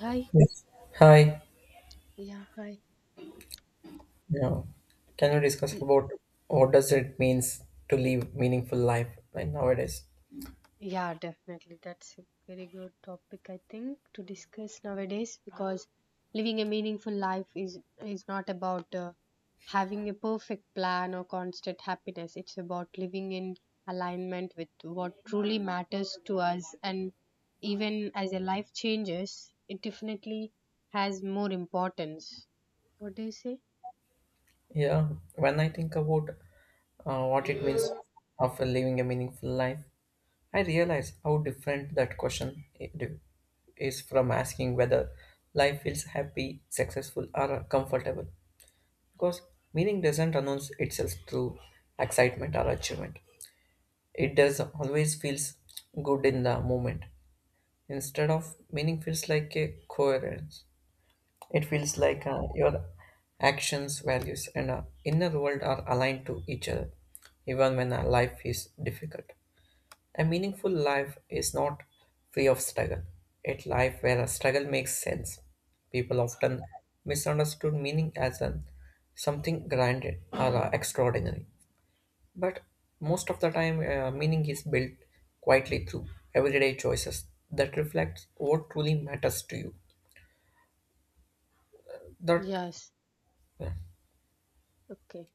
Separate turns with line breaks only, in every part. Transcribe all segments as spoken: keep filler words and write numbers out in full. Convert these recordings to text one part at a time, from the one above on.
Hi.
Yes. Hi.
Yeah, hi.
Now, can you discuss
L-
about what does it means to live meaningful life like nowadays?
Yeah, definitely. That's a very good topic, I think, to discuss nowadays because living a meaningful life is is not about uh, having a perfect plan or constant happiness. It's about living in alignment with what truly matters to us, and even as a life changes, it definitely has more importance. What do you say?
Yeah, when I think about uh, what it means of living a meaningful life, I realize how different that question i- d- is from asking whether life feels happy, successful, or comfortable. Because meaning doesn't announce itself through excitement or achievement. It does always feels good in the moment. Instead of meaning feels like a coherence. It feels like uh, your actions, values, and uh, inner world are aligned to each other, even when uh, life is difficult. A meaningful life is not free of struggle. It's life where a struggle makes sense. People often misunderstood meaning as an something granted or uh, extraordinary. But most of the time, uh, meaning is built quietly through everyday choices that reflect what truly matters to you. That
Yes.
yeah,
Okay.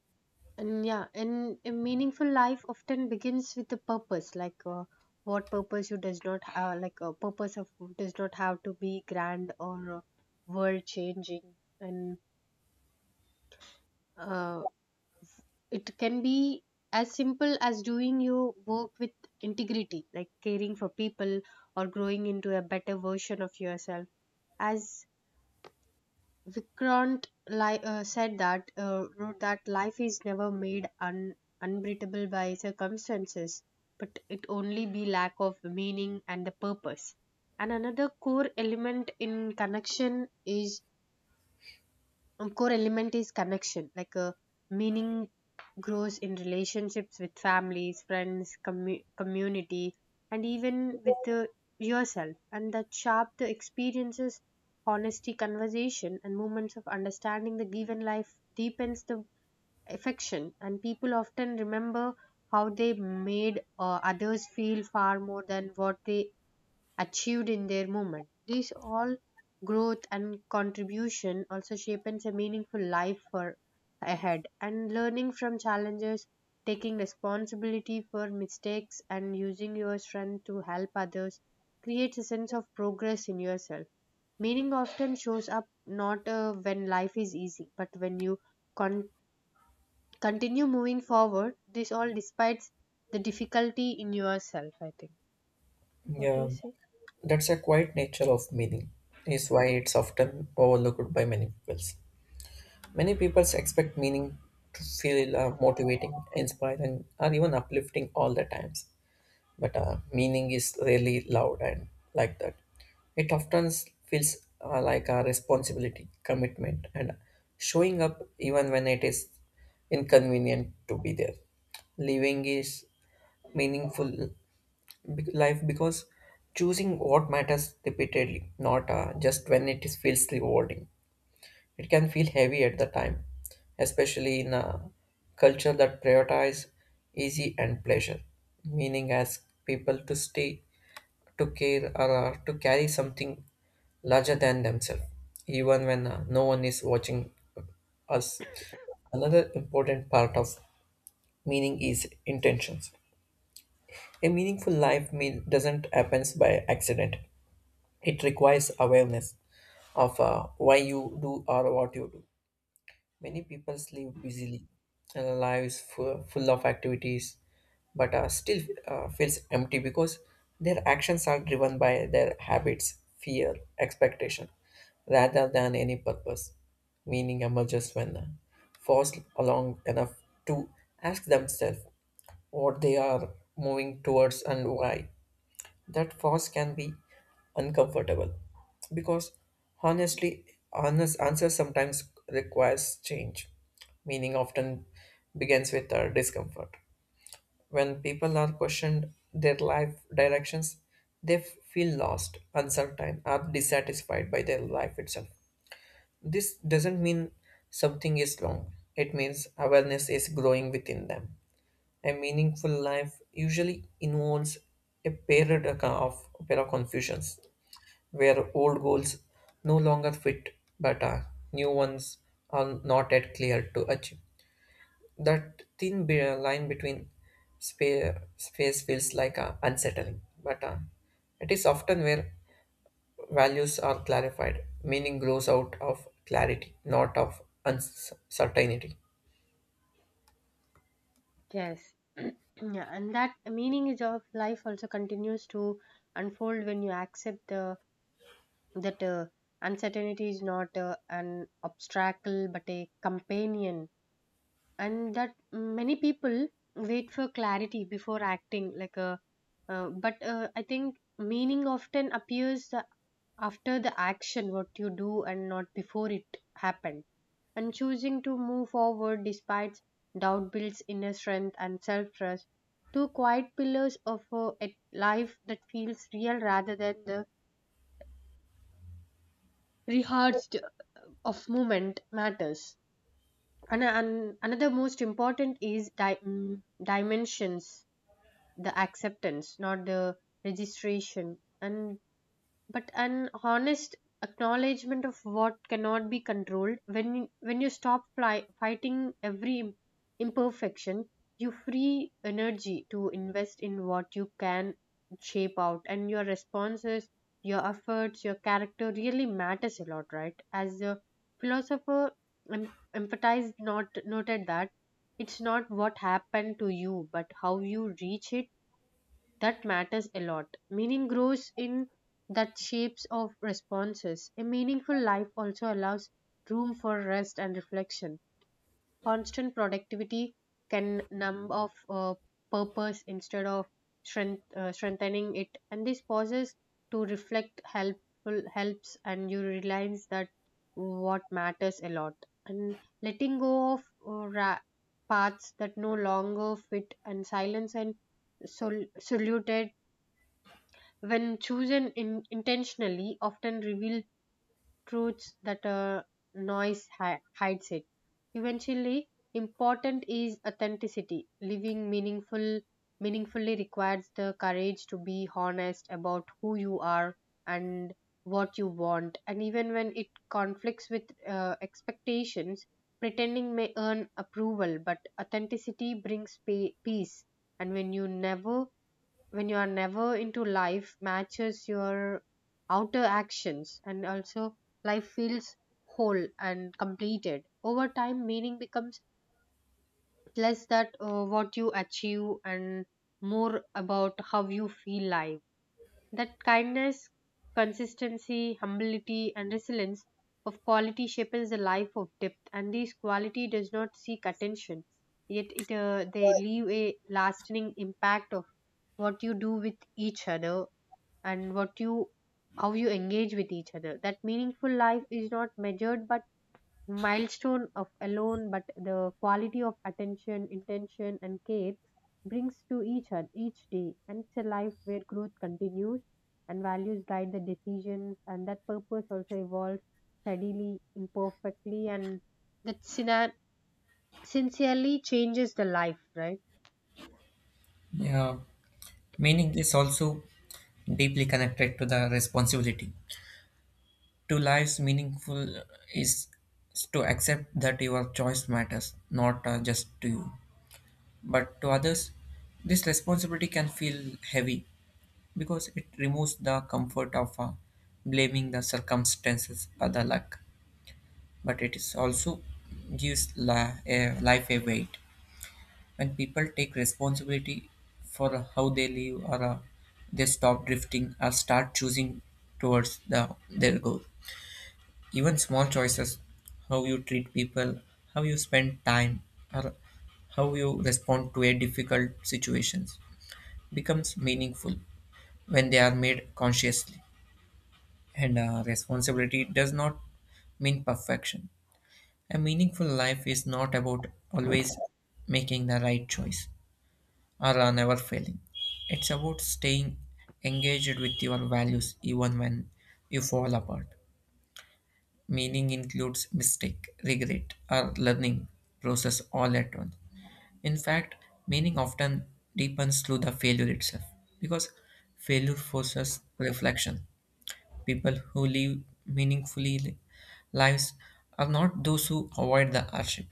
And yeah, and a meaningful life often begins with a purpose. Like uh, what purpose you does not have, like a purpose of does not have to be grand or uh, world changing, and uh, it can be as simple as doing your work with integrity, like caring for people or growing into a better version of yourself. As Vikrant li- uh, said that uh, wrote that life is never made un- unbeatable by circumstances, but it only be lack of meaning and the purpose. And another core element in connection is um, core element is connection, like, uh, meaning grows in relationships with families, friends, commu- community, and even with uh, yourself, and that sharp the experiences, honesty, conversation, and moments of understanding the given life deepens the affection, and people often remember how they made uh, others feel far more than what they achieved in their movement. This all growth and contribution also shapes a meaningful life for ahead, and learning from challenges, taking responsibility for mistakes, and using your strength to help others creates a sense of progress in yourself. Meaning often shows up not uh, when life is easy, but when you con- continue moving forward, this all despite the difficulty in yourself, I think. What do
yeah,
you say?
that's a quiet nature of meaning is why it's often overlooked by many people. Many people expect meaning to feel uh, motivating, inspiring, or even uplifting all the times. But uh, meaning is really loud and like that. It often s- feels uh, like a responsibility, commitment, and showing up even when it is inconvenient to be there. Living is meaningful be- life because choosing what matters repeatedly, not uh, just when it is feels rewarding. It can feel heavy at the time, especially in a culture that prioritizes easy and pleasure, meaning asks people to stay, to care, or uh, to carry something larger than themselves, even when uh, no one is watching us. Another important part of meaning is intentions. A meaningful life mean doesn't happen by accident. It requires awareness of uh, why you do or what you do. Many people live busily, and lives full, full of activities, but uh, still uh, feels empty because their actions are driven by their habits, fear, expectation, rather than any purpose. Meaning emerges when forced along enough to ask themselves what they are moving towards and why that fast can be uncomfortable because honestly honest answers sometimes requires change. Meaning often begins with our discomfort when people are questioned their life directions, they f- feel lost, uncertain, or dissatisfied by their life itself. This doesn't mean something is wrong. It means awareness is growing within them. A meaningful life usually involves a period of pair of confusions, where old goals no longer fit, but uh, new ones are not yet clear to achieve. That thin be- line between spa- space feels like uh, unsettling, but uh, it is often where values are clarified. Meaning grows out of clarity, not of uncertainty.
Yes. Yeah, and that meaning of life also continues to unfold when you accept the that uh, uncertainty is not uh, an obstacle but a companion, and that many people wait for clarity before acting. Like a, uh, uh, but uh, I think meaning often appears after the action what you do and not before it happened, and choosing to move forward despite doubt builds inner strength and self-trust, two quiet pillars of uh, a life that feels real rather than the rehearsed of movement matters. And, and another most important is di- mm, dimensions, the acceptance, not the registration, and but an honest acknowledgement of what cannot be controlled. When when you stop fly, fighting every imperfection, you free energy to invest in what you can shape out, and your responses, your efforts, your character really matters a lot, right? As a philosopher em- empathize, not noted, that it's not what happened to you but how you reach it that matters a lot. Meaning grows in that shapes of responses. A meaningful life also allows room for rest and reflection. Constant productivity can numb off uh, purpose instead of strength, uh, strengthening it. And these pauses to reflect helpful helps, and you realize that what matters a lot. And letting go of uh, ra- paths that no longer fit, and silence and sol- saluted, when chosen in, intentionally, often reveal truths that a noise hi- hides it. Eventually, important is authenticity. Living meaningful, meaningfully requires the courage to be honest about who you are and what you want. And even when it conflicts with uh, expectations, pretending may earn approval, but authenticity brings pa peace. And when you never when you are never into life matches your outer actions, and also life feels whole and completed. Over time, meaning becomes less that uh, what you achieve and more about how you feel life, that kindness, consistency, humility, and resilience of quality shapes the life of depth, and these quality does not seek attention, yet it uh, they leave a lasting impact of what you do with each other, and what you how you engage with each other, that meaningful life is not measured but milestone of alone, but the quality of attention, intention, and care brings to each other each day. And it's a life where growth continues and values guide the decisions, and that purpose also evolves steadily, imperfectly, and that sina- sincerely changes the life, right?
Yeah, meaning is also deeply connected to the responsibility. To lives meaningful is to accept that your choice matters, not uh, just to you, but to others. This responsibility can feel heavy because it removes the comfort of uh, blaming the circumstances or the luck, but it is also gives li- a life a weight. When people take responsibility for how they live, or uh, they stop drifting or start choosing towards the, their goal. Even small choices, how you treat people, how you spend time, or how you respond to a difficult situations, becomes meaningful when they are made consciously. And uh, responsibility does not mean perfection. A meaningful life is not about always making the right choice are uh, never failing. It's about staying engaged with your values even when you fall apart. Meaning includes mistake, regret, or learning process all at once. In fact, meaning often deepens through the failure itself because failure forces reflection. People who live meaningfully li- lives are not those who avoid the hardship,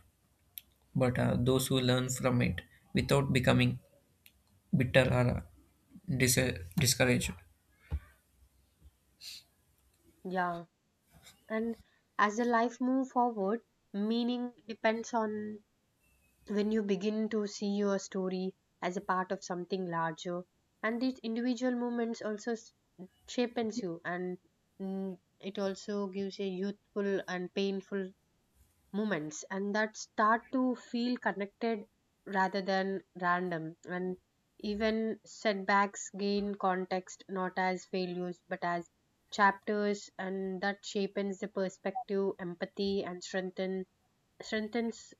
but uh, those who learn from it without becoming bitter or dis- discouraged.
Yeah, and as the life move forward, meaning depends on when you begin to see your story as a part of something larger, and these individual moments also s- shapens you, and mm, it also gives a youthful and painful moments, and that start to feel connected rather than random, and even setbacks gain context, not as failures but as chapters, and that shapens the perspective, empathy, and strengthen strengthens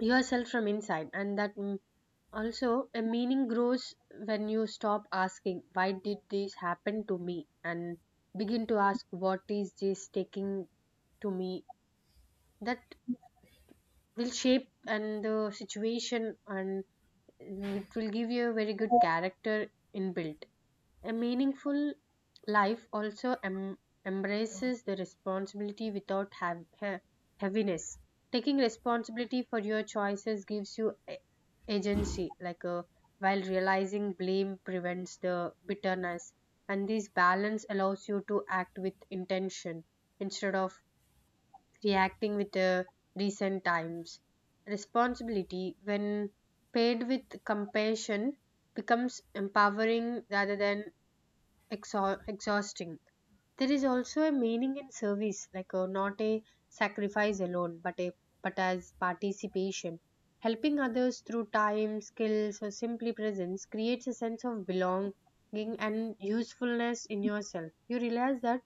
yourself from inside. And that also, a meaning grows when you stop asking, "Why did this happen to me?" and begin to ask, "What is this taking to me?" That will shape and the situation, and it will give you a very good character inbuilt. A meaningful life also em- embraces the responsibility without have- he- heaviness. Taking responsibility for your choices gives you a- agency, like a, while realizing blame prevents the bitterness. And this balance allows you to act with intention instead of reacting with the recent times. Responsibility, when paid with compassion, becomes empowering rather than exhau- exhausting. There is also a meaning in service, like, uh, not a sacrifice alone, but a but as participation. Helping others through time, skills, or simply presence creates a sense of belonging and usefulness in yourself. You realize that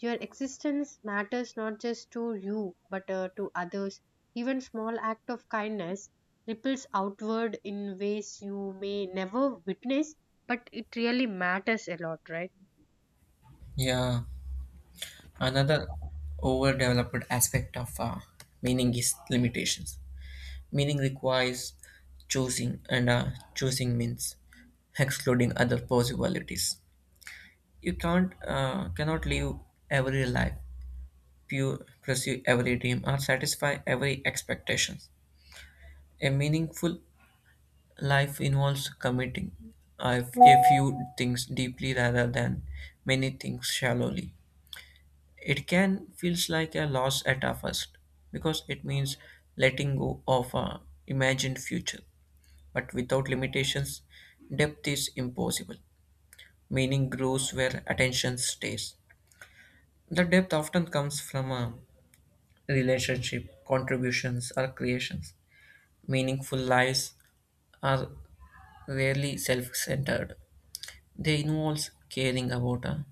your existence matters not just to you, but uh, to others. Even small act of kindness ripples outward in ways you may never witness, but it really matters a lot, right?
Yeah, another overdeveloped aspect of uh, meaning is limitations. Meaning requires choosing, and uh, choosing means excluding other possibilities. You can't uh, cannot live every life, pu- pursue every dream, or satisfy every expectation. A meaningful life involves committing a a few things deeply rather than many things shallowly. It can feels like a loss at a first because it means letting go of a imagined future, but without limitations depth is impossible. Meaning grows where attention stays. The depth often comes from a relationship contributions or creations. Meaningful lives are rarely self-centered. They involve caring about a,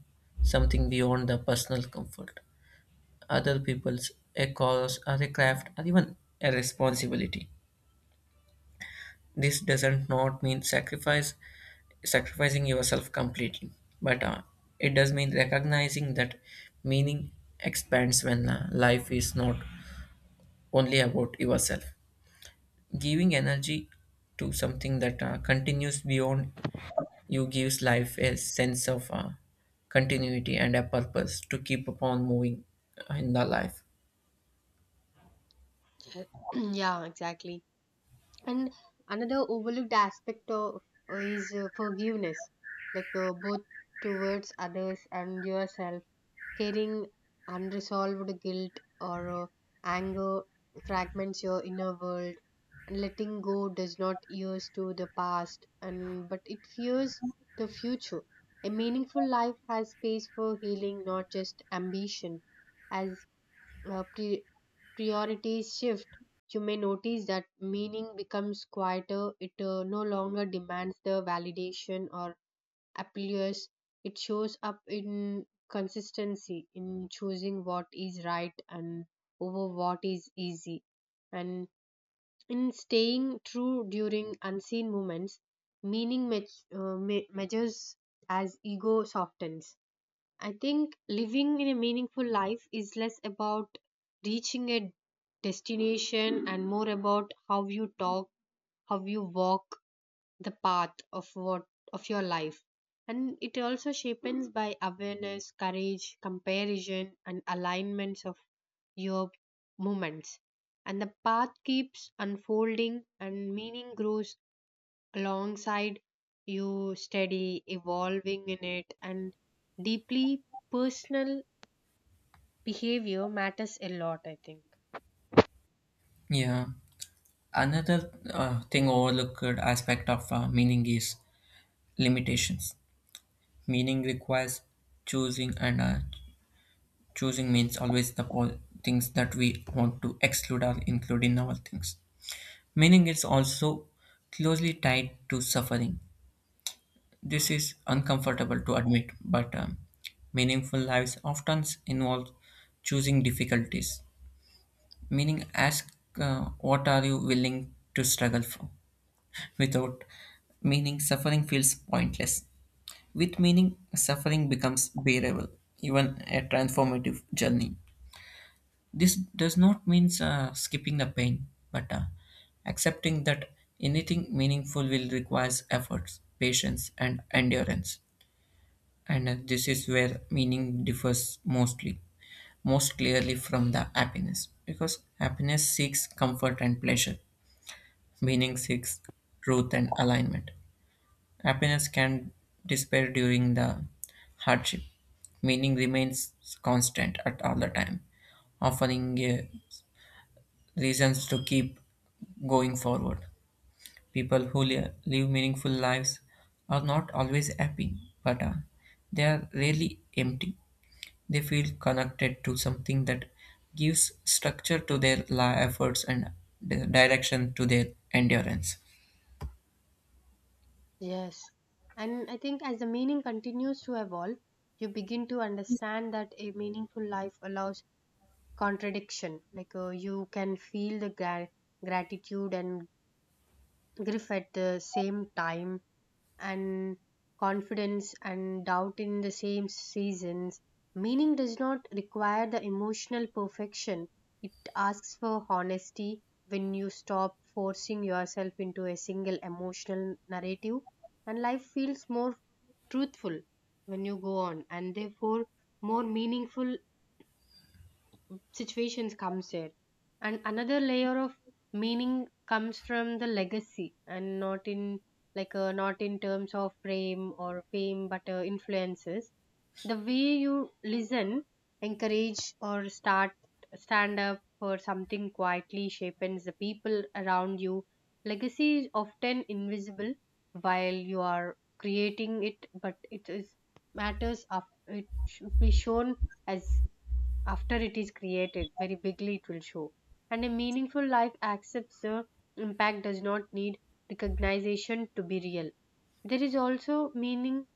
something beyond the personal comfort, other people's, a cause, or a craft, or even a responsibility. This doesn't not mean sacrifice sacrificing yourself completely, but uh, it does mean recognizing that meaning expands when uh, life is not only about yourself. Giving energy to something that uh, continues beyond you gives life a sense of uh, continuity and a purpose to keep upon moving in the life.
Yeah, exactly. And another overlooked aspect of is uh, forgiveness, like, uh, both towards others and yourself. Carrying unresolved guilt or uh, anger fragments your inner world, and letting go does not years to the past, and but it fears the future. A meaningful life has space for healing, not just ambition. As uh, pre- priorities shift, you may notice that meaning becomes quieter. It uh, no longer demands the validation or applause. It shows up in consistency, in choosing what is right and over what is easy, and in staying true during unseen moments. Meaning me- uh, me- Measures as ego softens, I think. Living in a meaningful life is less about reaching a destination and more about how you talk, how you walk the path of what of your life. And it also shapens by awareness, courage, comparison, and alignments of your movements. And the path keeps unfolding, and meaning grows alongside you study evolving in it, and deeply personal behavior matters a lot, I think.
Yeah. Another uh, thing overlooked aspect of uh, meaning is limitations. Meaning requires choosing, and uh, choosing means always the po- things that we want to exclude or include in our things. Meaning is also closely tied to suffering. This is uncomfortable to admit, but um, meaningful lives often involve choosing difficulties. Meaning, ask uh, what are you willing to struggle for. Without meaning, suffering feels pointless. With meaning, suffering becomes bearable, even a transformative journey. This does not mean uh, skipping the pain, but uh, accepting that anything meaningful will require efforts, patience, and endurance. And uh, this is where meaning differs mostly, most clearly from the happiness, because happiness seeks comfort and pleasure, meaning seeks truth and alignment. Happiness can disappear during the hardship. Meaning remains constant at all the time, offering uh, reasons to keep going forward. People who li- live meaningful lives are not always happy, but uh, they are rarely empty. They feel connected to something that gives structure to their li- efforts and di- direction to their endurance.
Yes. And I think as the meaning continues to evolve, you begin to understand that a meaningful life allows contradiction, like, uh, you can feel the gra- gratitude and grief at the same time, and confidence and doubt in the same seasons. Meaning does not require the emotional perfection, it asks for honesty. When you stop forcing yourself into a single emotional narrative, and life feels more truthful when you go on, and therefore more meaningful situations comes here. And another layer of meaning comes from the legacy, and not in, like, uh, not in terms of fame or fame, but uh, influences the way you listen, encourage, or start stand up for something quietly shapes the people around you. Legacy is often invisible while you are creating it, but it is matters of it should be shown as, after it is created very bigly, it will show. And a meaningful life accepts the impact does not need recognition to be real. There is also meaning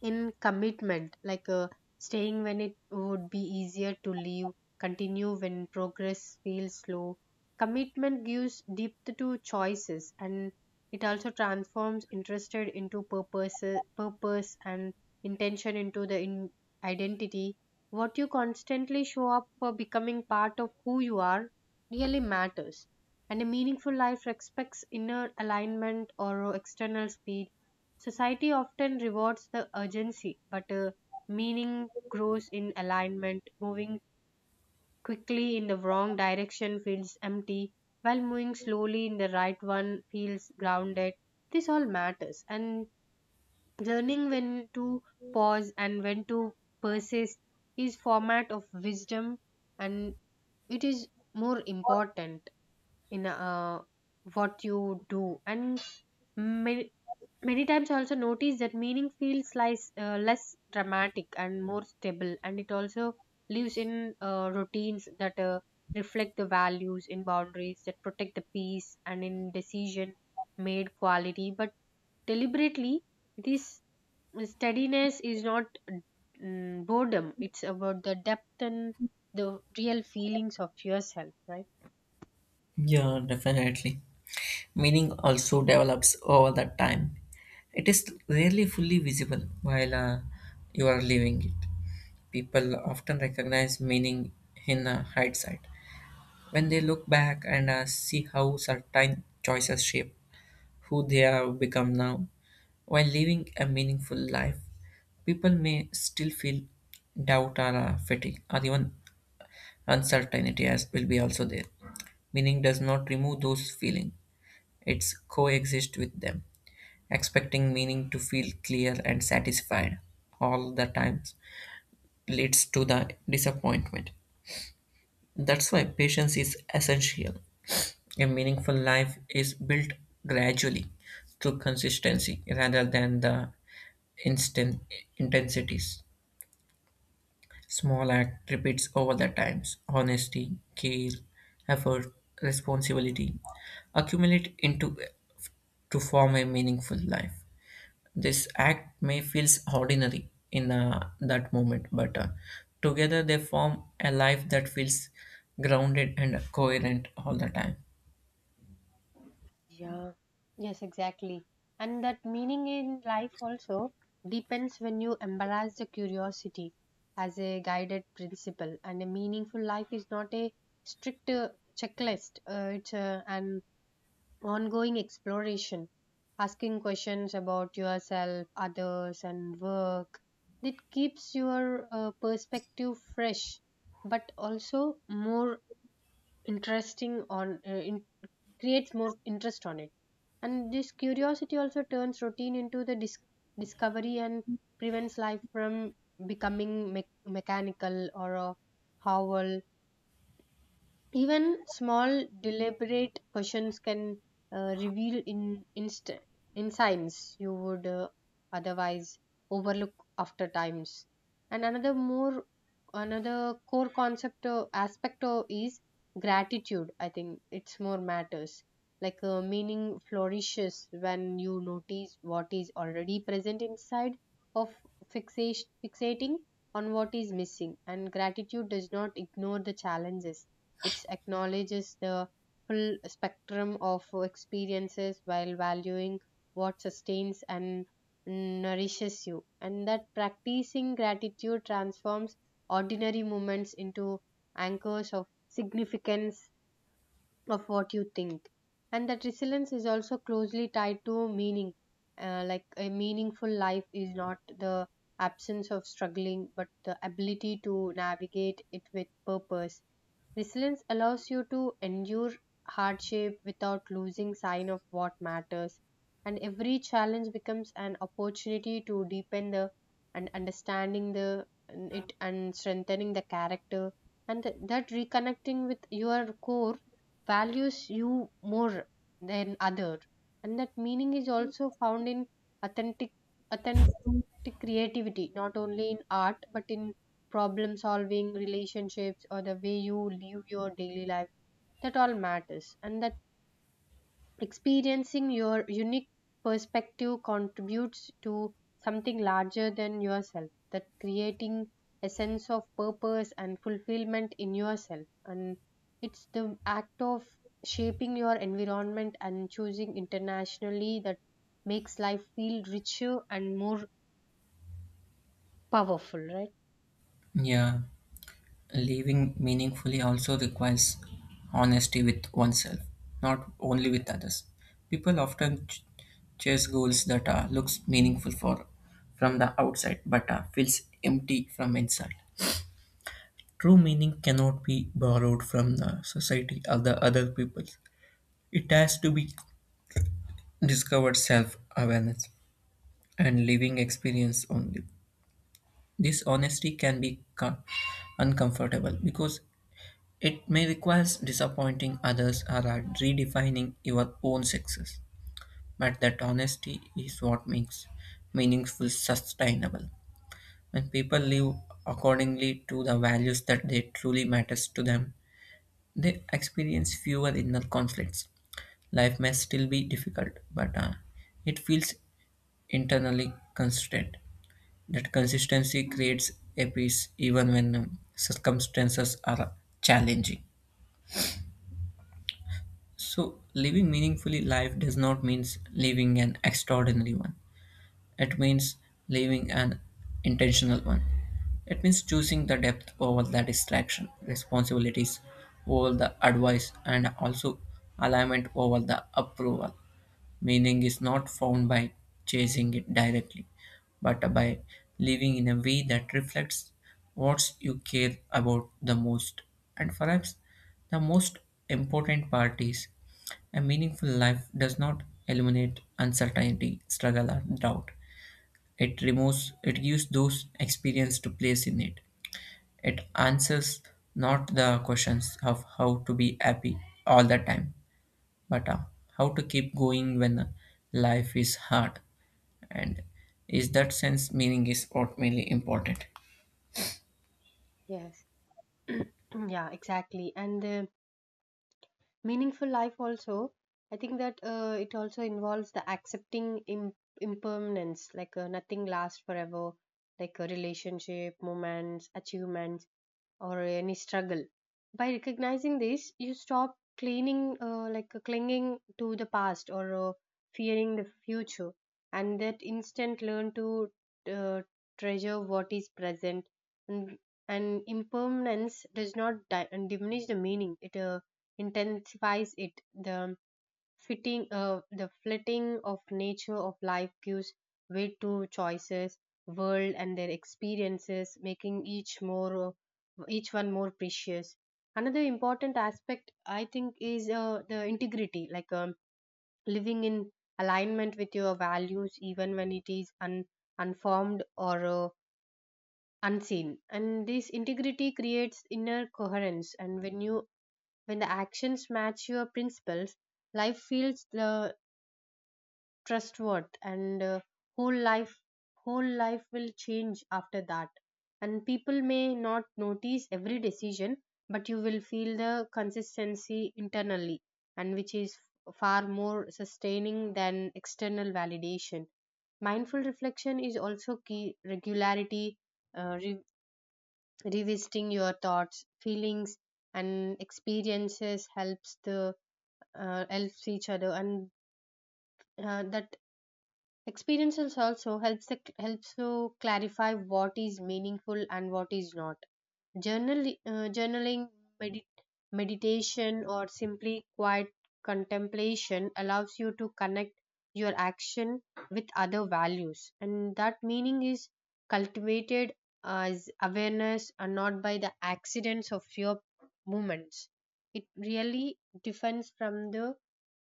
in commitment, like, uh, staying when it would be easier to leave, continue when progress feels slow. Commitment gives depth to choices, and it also transforms interested into purpose purpose and intention into the in- identity. What you constantly show up for becoming part of who you are really matters. And a meaningful life respects inner alignment or external speed. Society often rewards the urgency, but uh, meaning grows in alignment. Moving quickly in the wrong direction feels empty, while moving slowly in the right one feels grounded. This all matters, and learning when to pause and when to persist is format of wisdom, and it is more important in uh, what you do, and ma- many times I also notice that meaning feels less, uh, less dramatic and more stable, and it also lives in uh, routines that uh, reflect the values, in boundaries that protect the peace, and in decision made quality. But deliberately, this steadiness is not mm, boredom, it's about the depth and the real feelings of yourself, right?
Yeah, definitely. Meaning also develops over the time. It is rarely fully visible while uh, you are living it. People often recognize meaning in uh, hindsight when they look back and uh, see how certain choices shape who they have become now. While living a meaningful life, people may still feel doubt or uh, fatigue or even uncertainty as will be also there. Meaning does not remove those feelings. It's coexist with them. Expecting meaning to feel clear and satisfied all the times leads to the disappointment. That's why patience is essential. A meaningful life is built gradually through consistency rather than the instant intensities. Small act repeats over the times. Honesty, care, effort, responsibility accumulate into to form a meaningful life. This act may feel ordinary in uh, that moment, but uh, together they form a life that feels grounded and coherent all the time.
Yeah, yes, exactly. And that meaning in life also depends when you embrace the curiosity as a guided principle. And a meaningful life is not a strict uh, checklist, uh, it's uh, an ongoing exploration, asking questions about yourself, others, and work. It keeps your uh, perspective fresh, but also more interesting on, uh, creates more interest on it. And this curiosity also turns routine into the dis- discovery and prevents life from becoming me- mechanical or a howl. Even small, deliberate questions can uh, reveal in, inst- insights you would uh, otherwise overlook after times. And another more another core concept or aspect uh, is gratitude. I think it's more matters. Like uh, meaning flourishes when you notice what is already present inside of fixation, fixating on what is missing. And gratitude does not ignore the challenges, it acknowledges the full spectrum of experiences while valuing what sustains and nourishes you, and that practicing gratitude transforms ordinary moments into anchors of significance of what you think. And that resilience is also closely tied to meaning. Uh, like a meaningful life is not the absence of struggling but the ability to navigate it with purpose. Resilience allows you to endure hardship without losing sight of what matters, and every challenge becomes an opportunity to deepen the and understanding the it and strengthening the character, and that reconnecting with your core values you more than other. And that meaning is also found in authentic authentic creativity, not only in art but in problem solving, relationships, or the way you live your daily life. That all matters, and that experiencing your unique perspective contributes to something larger than yourself, that creating a sense of purpose and fulfillment in yourself. And it's the act of shaping your environment and choosing internationally that makes life feel richer and more powerful, right?
Yeah, living meaningfully also requires honesty with oneself, not only with others. People often ch- chase goals that uh, looks meaningful for from the outside but uh, feels empty from inside. True meaning cannot be borrowed from the society or the other people. It has to be discovered self awareness and living experience only. This honesty can be co- uncomfortable because it may require disappointing others or are redefining your own success. But that honesty is what makes meaningful sustainable. When people live accordingly to the values that they truly matters to them, they experience fewer inner conflicts. Life may still be difficult, but uh, it feels internally constrained. That consistency creates a peace even when um, circumstances are challenging. So, living meaningfully life does not mean living an extraordinary one. It means living an intentional one. It means choosing the depth over the distraction, responsibilities over the advice, and also alignment over the approval. Meaning is not found by chasing it directly, but by living in a way that reflects what you care about the most. And perhaps the most important part is a meaningful life does not eliminate uncertainty, struggle, or doubt. It removes, it gives those experience to place in it. It answers not the questions of how to be happy all the time, but uh, how to keep going when life is hard, and is that sense meaning is ultimately important.
Yes. Yeah, exactly. And uh, meaningful life also, I think that uh, it also involves the accepting Im- impermanence. Like uh, nothing lasts forever, like a relationship, moments, achievements, or any struggle. By recognizing this, you stop cleaning, uh, like clinging to the past or uh, fearing the future, and that instant learn to uh, treasure what is present. And, and impermanence does not di- diminish the meaning; it uh, intensifies it. The fitting uh, the flitting of nature of life gives way to choices world and their experiences, making each more uh, each one more precious. Another important aspect I think is uh, the integrity, like um, living in alignment with your values even when it is un- unformed or uh, unseen. And this integrity creates inner coherence, and when you when the actions match your principles, life feels uh, trustworth and uh, whole life whole life will change after that. And people may not notice every decision, but you will feel the consistency internally, and which is far more sustaining than external validation. Mindful reflection is also key regularity, uh, re- revisiting your thoughts, feelings, and experiences helps the uh, helps each other. And uh, that experiences also helps the, helps to clarify what is meaningful and what is not. Journal, uh, journaling, medi- meditation, or simply quiet contemplation allows you to connect your action with other values, and that meaning is cultivated as awareness and not by the accidents of your movements. It really depends from the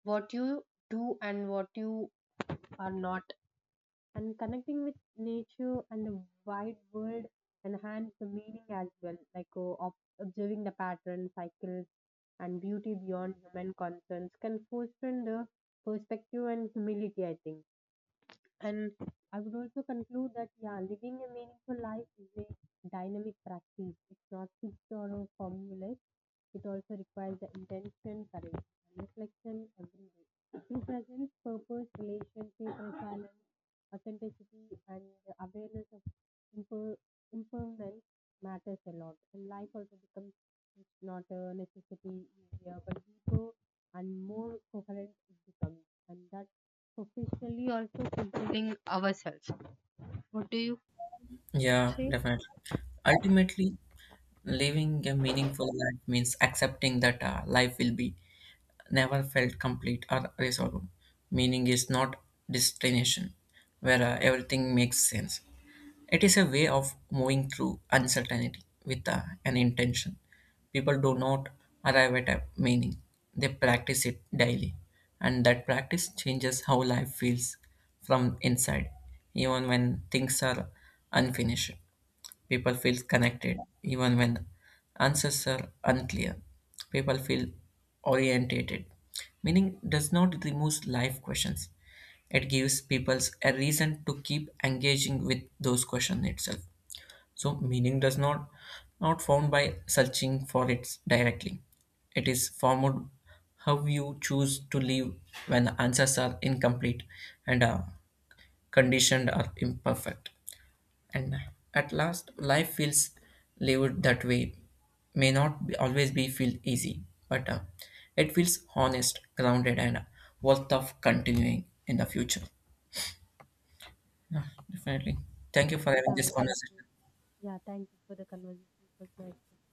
what you do and what you are not. And connecting with nature and the wide world enhance the meaning as well, like uh, ob- observing the pattern cycles and beauty beyond human concerns can foster the perspective and humility I think. And I would also conclude that, yeah, living a meaningful life is a dynamic practice. It's not fixed or a formula. It also requires the intention, courage, and reflection every day. Through presence, purpose, relationship, resilience, authenticity, and the awareness of imper- impermanence matters a lot. And life also becomes not a necessity easier, but deeper and more coherent it becomes. And that professionally also fulfilling ourselves. What do you
Yeah,
say?
definitely. Ultimately, living a meaningful life means accepting that uh, life will be never felt complete or resolved. Meaning is not destination where uh, everything makes sense. It is a way of moving through uncertainty with uh, an intention. People do not arrive at a meaning, they practice it daily. And that practice changes how life feels from inside, even when things are unfinished. People feel connected even when answers are unclear. People feel orientated. Meaning does not remove life questions. It gives people a reason to keep engaging with those questions itself. So meaning does not not found by searching for it directly. It is formed how you choose to live when answers are incomplete and uh, conditioned or imperfect. And at last, life feels lived that way. May not be, always be feel easy, but uh, it feels honest, grounded, and worth of continuing in the future. Yeah, definitely. Thank you for having
Yeah,
this
exactly.
conversation.
Yeah, thank you for the conversation. It was nice.